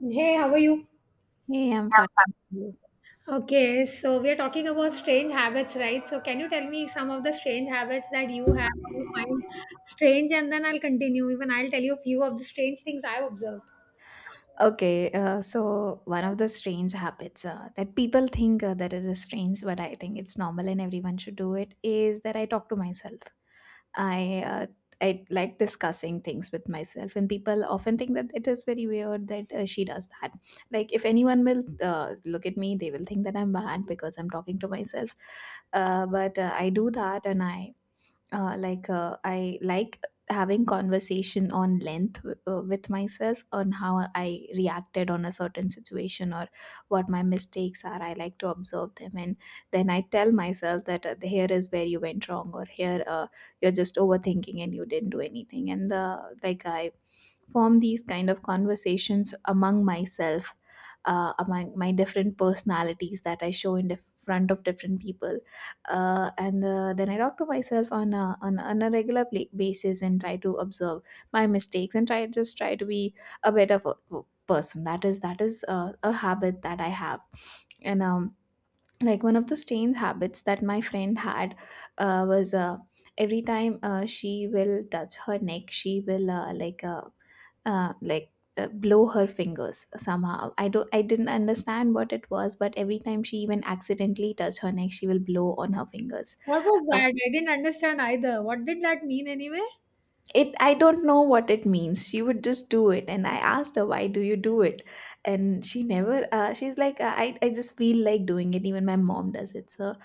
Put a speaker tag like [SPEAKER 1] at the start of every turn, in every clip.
[SPEAKER 1] Hey, how are you?
[SPEAKER 2] Hey, I'm fine.
[SPEAKER 1] Okay, so we are talking about strange habits, right? So can you tell me some of the strange habits that you have or you find strange and then I'll continue. Even I'll tell you a few of the strange things I've observed.
[SPEAKER 2] Okay, so one of the strange habits that people think that it is strange, but I think it's normal and everyone should do it, is that I talk to myself. I uh, I like discussing things with myself, and people often think that it is very weird that she does that. Like, if anyone will look at me, they will think that I'm mad because I'm talking to myself. But I do that, and I like having conversation on length with myself on how I reacted on a certain situation or what my mistakes are. I like to observe them, and then I tell myself that here is where you went wrong, or here you're just overthinking and you didn't do anything. And the like I form these kind of conversations among myself, among my different personalities that I show in front of different people. And then I talk to myself on on a regular pla basis and try to observe my mistakes and try just try to be a better person. That is a habit that I have. And like one of the strange habits that my friend had, was, every time she will touch her neck, she will uh, like blow her fingers somehow. I didn't understand what it was, but every time she even accidentally touch her neck she will blow on her fingers.
[SPEAKER 1] What was
[SPEAKER 2] uh,
[SPEAKER 1] that? I didn't understand either. What did that mean anyway?
[SPEAKER 2] it I don't know what it means. She would just do it, and I asked her, why do you do it? And she never she's like, I just feel like doing it, even my mom does it. So,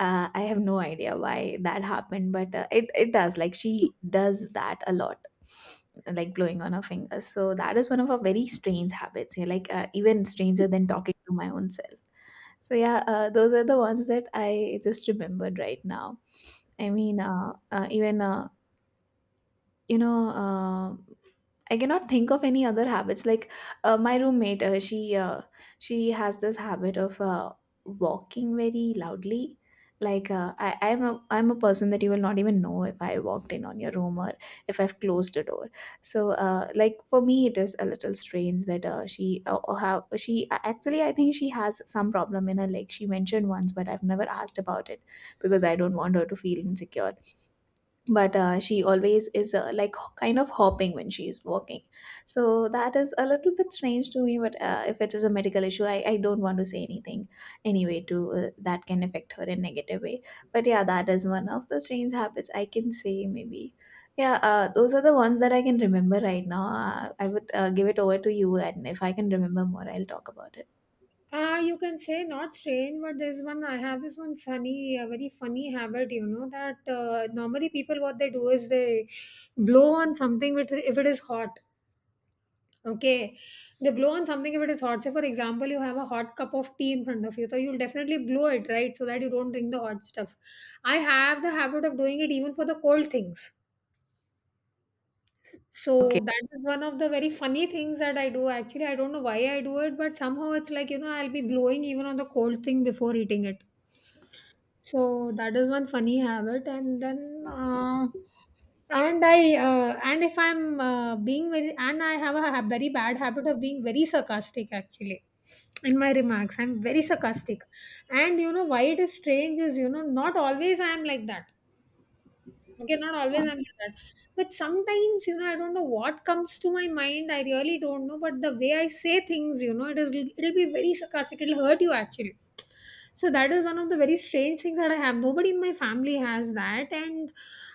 [SPEAKER 2] uh, I have no idea why that happened, but it it does. Like she does that a lot, like blowing on her fingers. So that is one of our very strange habits. Yeah, like even stranger than talking to my own self. So yeah, those are the ones that I just remembered right now. I mean, even you know. I cannot think of any other habits. Like my roommate, she has this habit of walking very loudly. Like I'm a person that you will not even know if I walked in on your room or if I've closed the door. So like for me, it is a little strange that she how she actually I think she has some problem in her leg. She mentioned once, but I've never asked about it because I don't want her to feel insecure, but she always is like kind of hopping when she is walking. So that is a little bit strange to me, but if it is a medical issue, I don't want to say anything anyway to that can affect her in negative way. But yeah, that is one of the strange habits I can say, maybe. Yeah, those are the ones that I can remember right now. I would give it over to you, and if I can remember more, I'll talk about it.
[SPEAKER 1] Ah, you can say not strange, but there's one. I have this one funny, a very funny habit. You know that normally people what they do is they blow on something with if it is hot. Okay. They blow on something if it is hot. Say, for example, you have a hot cup of tea in front of you, so you'll definitely blow it, right? So that you don't drink the hot stuff. I have the habit of doing it even for the cold things. So
[SPEAKER 2] Okay.
[SPEAKER 1] that is one of the very funny things that I do. Actually, I don't know why I do it, but somehow it's like, you know, I'll be blowing even on the cold thing before eating it. So that is one funny habit, and then and I and if I'm being very and I have a very bad habit of being very sarcastic actually in my remarks. I'm very sarcastic, and you know why it is strange is, you know, not always I am like that. Okay, not always I'm like that. But sometimes, you know, I don't know what comes to my mind. I really don't know. But the way I say things, you know, it is it'll be very sarcastic. It'll hurt you actually. So that is one of the very strange things that I have. Nobody in my family has that. And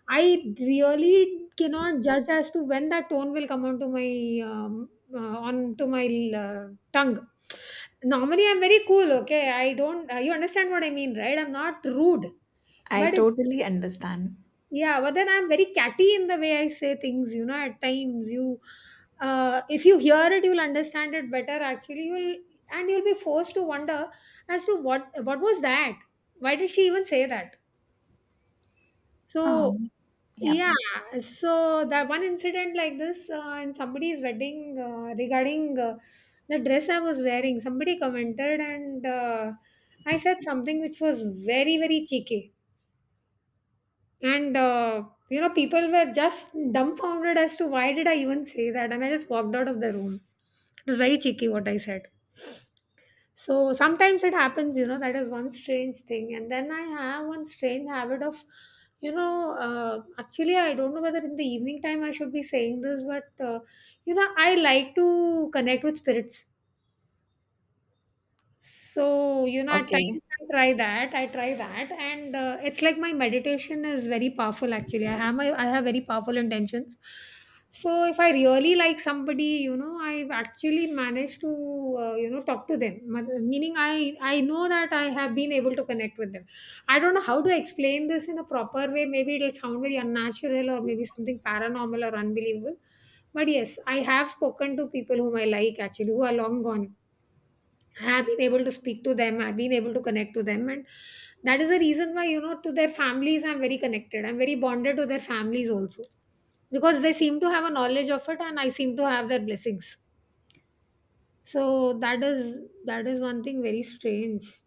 [SPEAKER 1] I really cannot judge as to when that tone will come um, onto my uh, tongue. Normally, I'm very cool. Okay, I don't. You understand what I mean, right? I'm not rude,
[SPEAKER 2] I
[SPEAKER 1] but it's,
[SPEAKER 2] totally understand.
[SPEAKER 1] yeah, but then I'm very catty in the way I say things, you know, at times you, if you hear it you'll understand it better actually, you'll and you'll be forced to wonder as to what was that? Why did she even say that? So
[SPEAKER 2] Um, yeah,
[SPEAKER 1] yeah, so that one incident like this in somebody's wedding regarding the dress I was wearing, somebody commented and I said something which was very very cheeky and you know people were just dumbfounded as to why did I even say that, and I just walked out of the room. It was very cheeky what I said. So sometimes it happens, you know. That is one strange thing, and then I have one strange habit of, you know, actually I don't know whether in the evening time I should be saying this, but uh, you know I like to connect with spirits. So, you know, at times
[SPEAKER 2] okay.
[SPEAKER 1] I try that, and it's like my meditation is very powerful actually. I have very powerful intentions. So, if I really like somebody, you know, I've actually managed to, you know, talk to them. Meaning, I know that I have been able to connect with them. I don't know how to explain this in a proper way. Maybe it'll sound very unnatural, or maybe something paranormal or unbelievable. But yes, I have spoken to people whom I like actually, who are long gone, have been able to speak to them, I've been able to connect to them, and that is the reason why, you know, to their families I'm very connected, I'm very bonded to their families also, because they seem to have a knowledge of it and I seem to have their blessings. So that is, that is one thing very strange.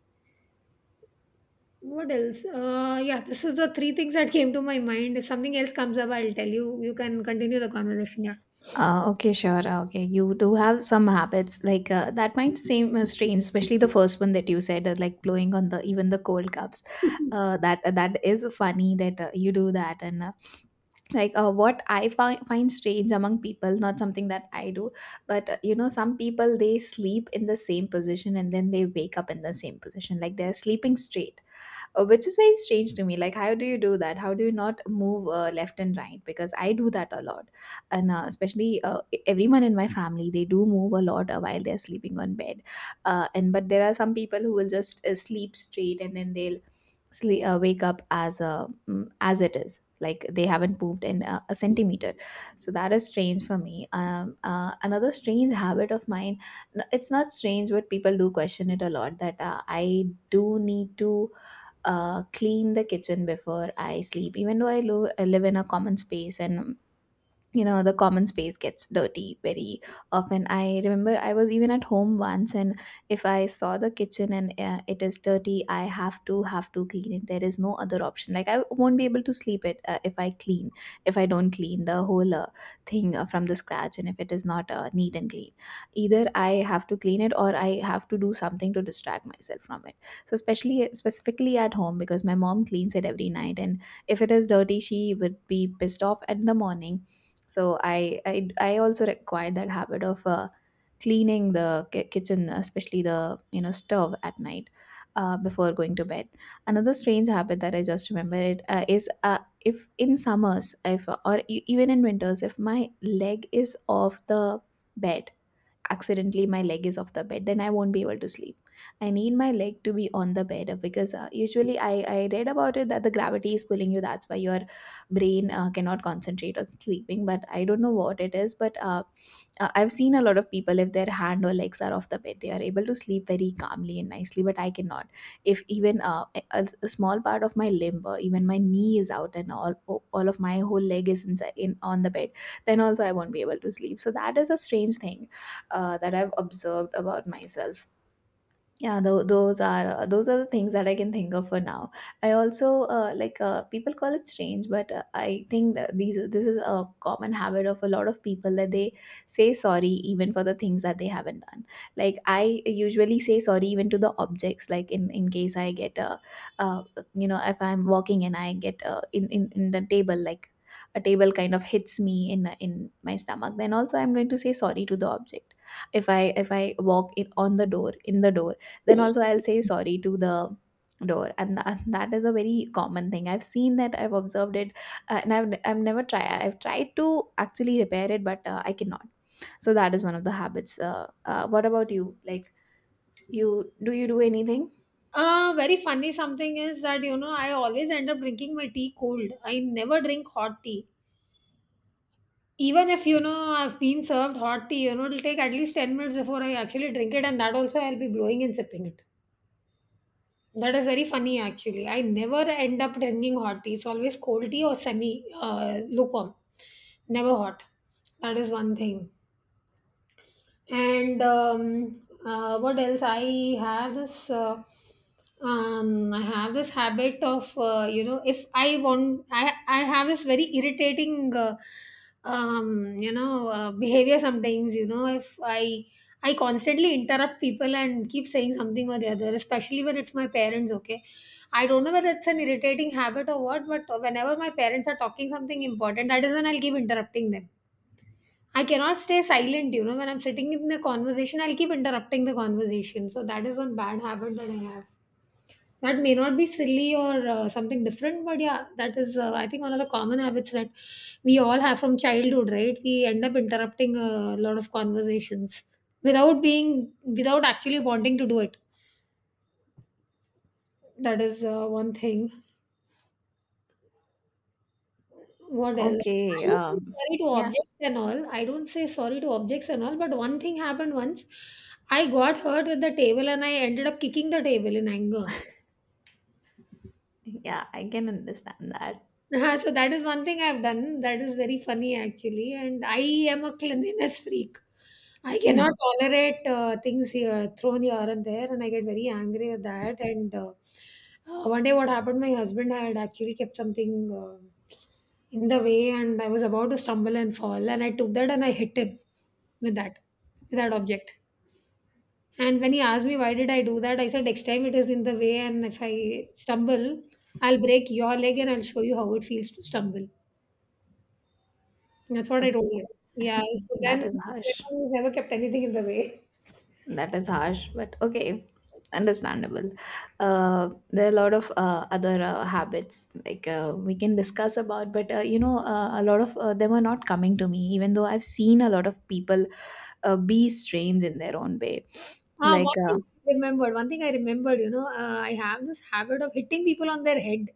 [SPEAKER 1] What else? Uh, yeah, this is the three things that came to my mind. If something else comes up, I'll tell you. You can continue the conversation. Yeah.
[SPEAKER 2] Okay, sure. Okay, you do have some habits like that might seem strange, especially the first one that you said, like blowing on the even the cold cups. That that is funny that you do that, and like what I find strange among people, not something that I do, but you know, some people they sleep in the same position, and then they wake up in the same position, like they're sleeping straight, which is very strange to me. Like, how do you do that? How do you not move left and right? Because I do that a lot, and especially everyone in my family, they do move a lot while they're sleeping on bed. And but there are some people who will just sleep straight and then they'll wake up as as it is, like they haven't moved in a centimeter. So that is strange for me. Another strange habit of mine, it's not strange, but people do question it a lot, that I do need to clean the kitchen before I sleep. Even though I live in a common space, and you know the common space gets dirty very often. I remember I was even at home once, and if I saw the kitchen and it is dirty, I have to clean it. There is no other option. Like, I won't be able to sleep it if I don't clean the whole thing from the scratch, and if it is not neat and clean, either I have to clean it or I have to do something to distract myself from it. So especially specifically at home, because my mom cleans it every night, and if it is dirty, she would be pissed off in the morning. So I also acquired that habit of cleaning the kitchen, especially the you know stove at night, before going to bed. Another strange habit that I just remembered is, if in summers, if or even in winters, if my leg is off the bed, accidentally my leg is off the bed, then I won't be able to sleep. I need my leg to be on the bed, because usually, I read about it that the gravity is pulling you, that's why your brain cannot concentrate on sleeping. But I don't know what it is, but I've seen a lot of people if their hand or legs are off the bed, they are able to sleep very calmly and nicely. But I cannot, if even a small part of my limb or even my knee is out. And all of my whole leg is inside in on the bed, then also I won't be able to sleep. So that is a strange thing that I've observed about myself. Yeah, those are the things that I can think of for now. I also like people call it strange, but I think that these this is a common habit of a lot of people, that they say sorry even for the things that they haven't done. Like, I usually say sorry even to the objects, like in case I get uh you know, if I'm walking and I get in in the table, like a table kind of hits me in my stomach, then also I'm going to say sorry to the object. If I walk in on the door in the door, then also I'll say sorry to the door, and that is a very common thing I've seen, that I've observed it. And I've never tried to actually repair it, but I cannot. So that is one of the habits. What about you? Like, you do anything?
[SPEAKER 1] Uh, very funny something is that, you know, I always end up drinking my tea cold. I never drink hot tea. Even if, you know, I've been served hot tea, you know, it'll take at least 10 minutes before I actually drink it, and that also I'll be blowing and sipping it. That is very funny actually. I never end up drinking hot tea. It's always cold tea or semi lukewarm, never hot. That is one thing, and what else. I have this I have this habit of, you know, if I want, I have this very irritating you know, behavior sometimes, you know, if I constantly interrupt people and keep saying something or the other, especially when it's my parents. Okay, I don't know whether it's an irritating habit or what, but whenever my parents are talking something important, that is when I'll keep interrupting them. I cannot stay silent, you know. When I'm sitting in the conversation, I'll keep interrupting the conversation. So that is one bad habit that I have. That may not be silly or something different, but yeah, that is, I think, one of the common habits that we all have from childhood, right? We end up interrupting a lot of conversations without being, without actually wanting to do it. That is one thing. What else?
[SPEAKER 2] Okay.
[SPEAKER 1] I don't say sorry to
[SPEAKER 2] Yeah.
[SPEAKER 1] objects and all. I don't say sorry to objects and all. But one thing happened once. I got hurt with the table and I ended up kicking the table in anger.
[SPEAKER 2] Yeah, I can understand that.
[SPEAKER 1] So that is one thing I've done. That is very funny actually, and I am a cleanliness freak. I cannot tolerate things here thrown here and there, and I get very angry with that. And One day, what happened? My husband had actually kept something uh, in the way, and I was about to stumble and fall, and I took that and I hit him with that, with that object. And when he asked me why did I do that, I said next time it is in the way, and if I stumble, I'll break your leg and I'll show you how it feels to stumble. That's what I told
[SPEAKER 2] Okay,
[SPEAKER 1] you. Yeah, so
[SPEAKER 2] that
[SPEAKER 1] then,
[SPEAKER 2] is
[SPEAKER 1] you
[SPEAKER 2] harsh.
[SPEAKER 1] know, never kept anything in the way.
[SPEAKER 2] That is harsh, but okay, understandable. There are a lot of other habits like we can discuss about, but you know, a lot of them are not coming to me, even though I've seen a lot of people be strange in their own way.
[SPEAKER 1] Ah,
[SPEAKER 2] Like,
[SPEAKER 1] one thing I remembered. One thing I remembered. You know, I have this habit of hitting people on their head.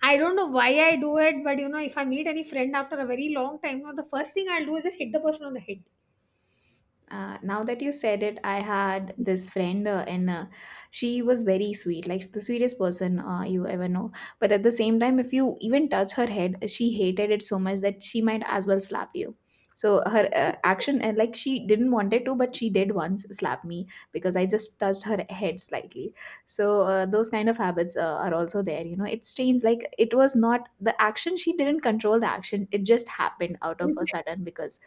[SPEAKER 1] I don't know why I do it, but you know, if I meet any friend after a very long time, you know, the first thing I'll do is just hit the person on the head.
[SPEAKER 2] Now that you said it, I had this friend, and she was very sweet, like the sweetest person you ever know. But at the same time, if you even touch her head, she hated it so much that she might as well slap you. So her action, and like she didn't want it to, but she did once slap me because I just touched her head slightly. So those kind of habits are also there. You know, it's strange. Like, it was not the action; she didn't control the action. It just happened out of a
[SPEAKER 1] Reflex,
[SPEAKER 2] sudden because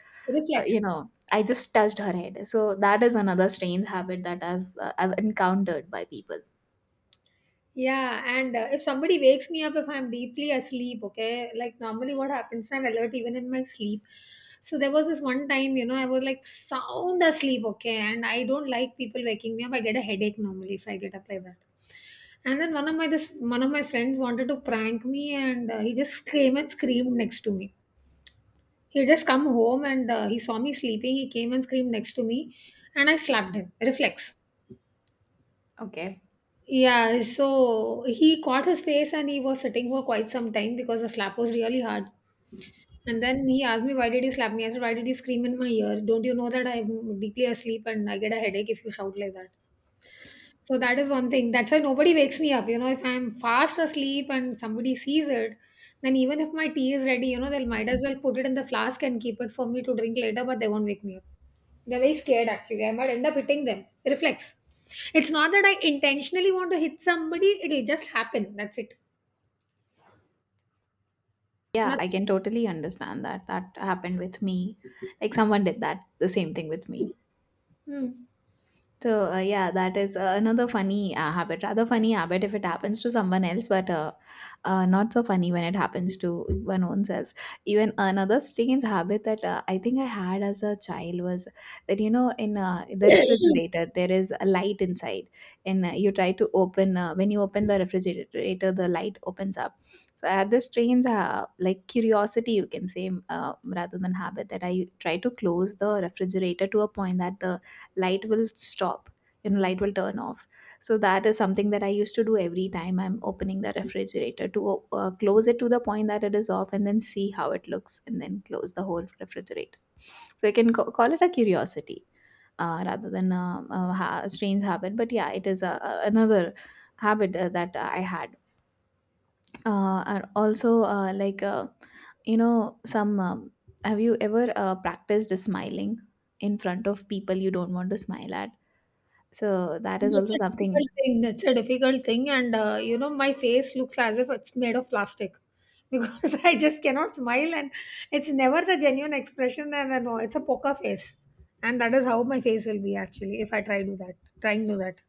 [SPEAKER 1] reflex.
[SPEAKER 2] you know, I just touched her head. So that is another strange habit that i've encountered by people.
[SPEAKER 1] Yeah, and if somebody wakes me up if I'm deeply asleep, okay, like normally what happens, I'm alert even in my sleep. So there was this one time, you know, I was like sound asleep, okay, and I don't like people waking me up. I get a headache normally if I get up like that. And then one of my friends wanted to prank me, and he just came and screamed next to me. He just come home and he saw me sleeping. He came and screamed next to me, and I slapped him. Reflex.
[SPEAKER 2] Okay.
[SPEAKER 1] Yeah, so he caught his face and he was sitting for quite some time because the slap was really hard. And then he asked me, why did you slap me? I said, why did you scream in my ear? Don't you know that I'm deeply asleep and I get a headache if you shout like that? So that is one thing. That's why nobody wakes me up. You know, if I'm fast asleep and somebody sees it, then even if my tea is ready, you know, they'll, might as well put it in the flask and keep it for me to drink later, but they won't wake me up. They're very scared actually. I might end up hitting them. Reflex. It's not that I intentionally want to hit somebody, it'll just happen. That's it.
[SPEAKER 2] Yeah, I
[SPEAKER 1] Nothing.
[SPEAKER 2] can totally understand that. That happened with me, like someone did that the same thing with me.
[SPEAKER 1] Hmm.
[SPEAKER 2] So, yeah, that is another funny habit, rather funny habit if it happens to someone else, but not so funny when it happens to one own self. Even another strange habit that I think I had as a child was that, you know, in the refrigerator, there is a light inside, and you try to open, when you open the refrigerator, the light opens up. So, I had this strange, like, curiosity, you can say, rather than habit, that I try to close the refrigerator to a point that the light will stop. You know, light will turn off. So that is something that I used to do every time I'm opening the refrigerator, to close it to the point that it is off and then see how it looks and then close the whole refrigerator. So I can call it a curiosity rather than a strange habit. But yeah, it is another habit that I had. And also, like, you know, some have you ever practiced smiling in front of people you don't want to smile at? So that is
[SPEAKER 1] That's
[SPEAKER 2] also
[SPEAKER 1] a
[SPEAKER 2] something.
[SPEAKER 1] difficult thing. That's a difficult thing. And, you know, my face looks as if it's made of plastic because I just cannot smile. And it's never the genuine expression. And I know it's a poker face. And that is how my face will be actually if I try to do that, trying to do that.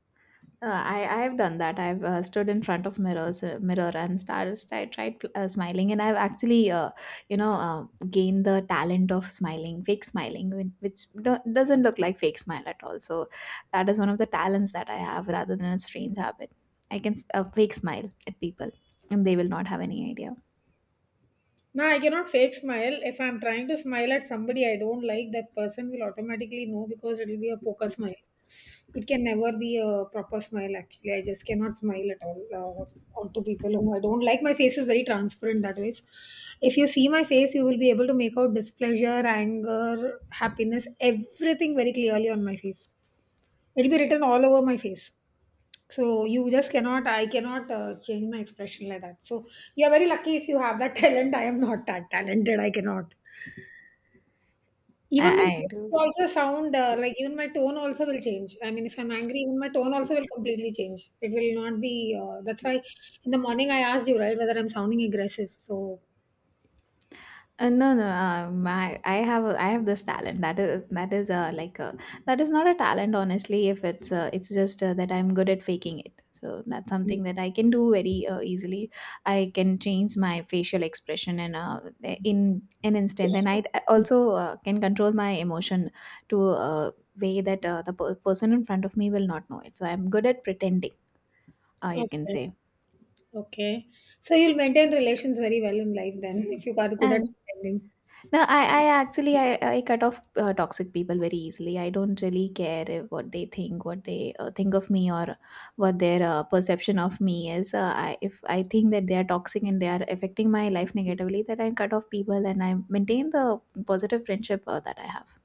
[SPEAKER 2] I have done that. I've stood in front of mirror and started. I tried smiling, and I've actually you know uh, gained the talent of smiling, fake smiling, which doesn't look like fake smile at all. So that is one of the talents that I have rather than a strange habit. I can fake smile at people, and they will not have any idea.
[SPEAKER 1] No, I cannot fake smile. If I'm trying to smile at somebody I don't like, that person will automatically know because it will be a poker smile. It can never be a proper smile, actually. I just cannot smile at all onto people whom I don't like. My face is very transparent that way. If you see my face, you will be able to make out displeasure, anger, happiness, everything very clearly on my face. It'll be written all over my face. So you just cannot, I cannot change my expression like that. So you're very lucky if you have that talent. I am not that talented. I cannot. Even my
[SPEAKER 2] I
[SPEAKER 1] voice
[SPEAKER 2] do.
[SPEAKER 1] also sound like, even my tone also will change. I mean, if I'm angry, even my tone also will completely change. It will not be. That's why in the morning I asked you, right, whether I'm sounding aggressive. So
[SPEAKER 2] No, no. My, I have, a, I have this talent. That is, that is not a talent, honestly. If it's, it's just that I'm good at faking it. So that's something that I can do very easily. I can change my facial expression in an instant, and I d- also uh, can control my emotion to a way that the person in front of me will not know it. So I'm good at pretending. You can
[SPEAKER 1] okay,
[SPEAKER 2] say,
[SPEAKER 1] okay. So you'll maintain relations very well in life then if you are good at
[SPEAKER 2] and
[SPEAKER 1] pretending.
[SPEAKER 2] no, I actually I cut off toxic people very easily. I don't really care if what they think, what they think of me, or what their perception of me is. If I think that they are toxic and they are affecting my life negatively, that I cut off people and I maintain the positive friendship that I have.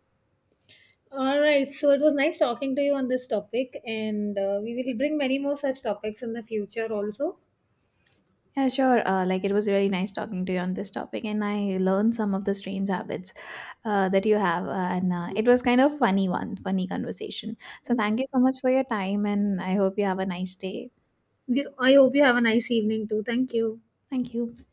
[SPEAKER 1] All right. So it was nice talking to you on this topic, and we will bring many more such topics in the future also.
[SPEAKER 2] Yeah, sure. Like it was really nice talking to you on this topic, and I learned some of the strange habits that you have, and it was kind of funny one, funny conversation. So thank you so much for your time, and I hope you have a nice day.
[SPEAKER 1] You- I hope you have a nice evening too. Thank you.
[SPEAKER 2] Thank you.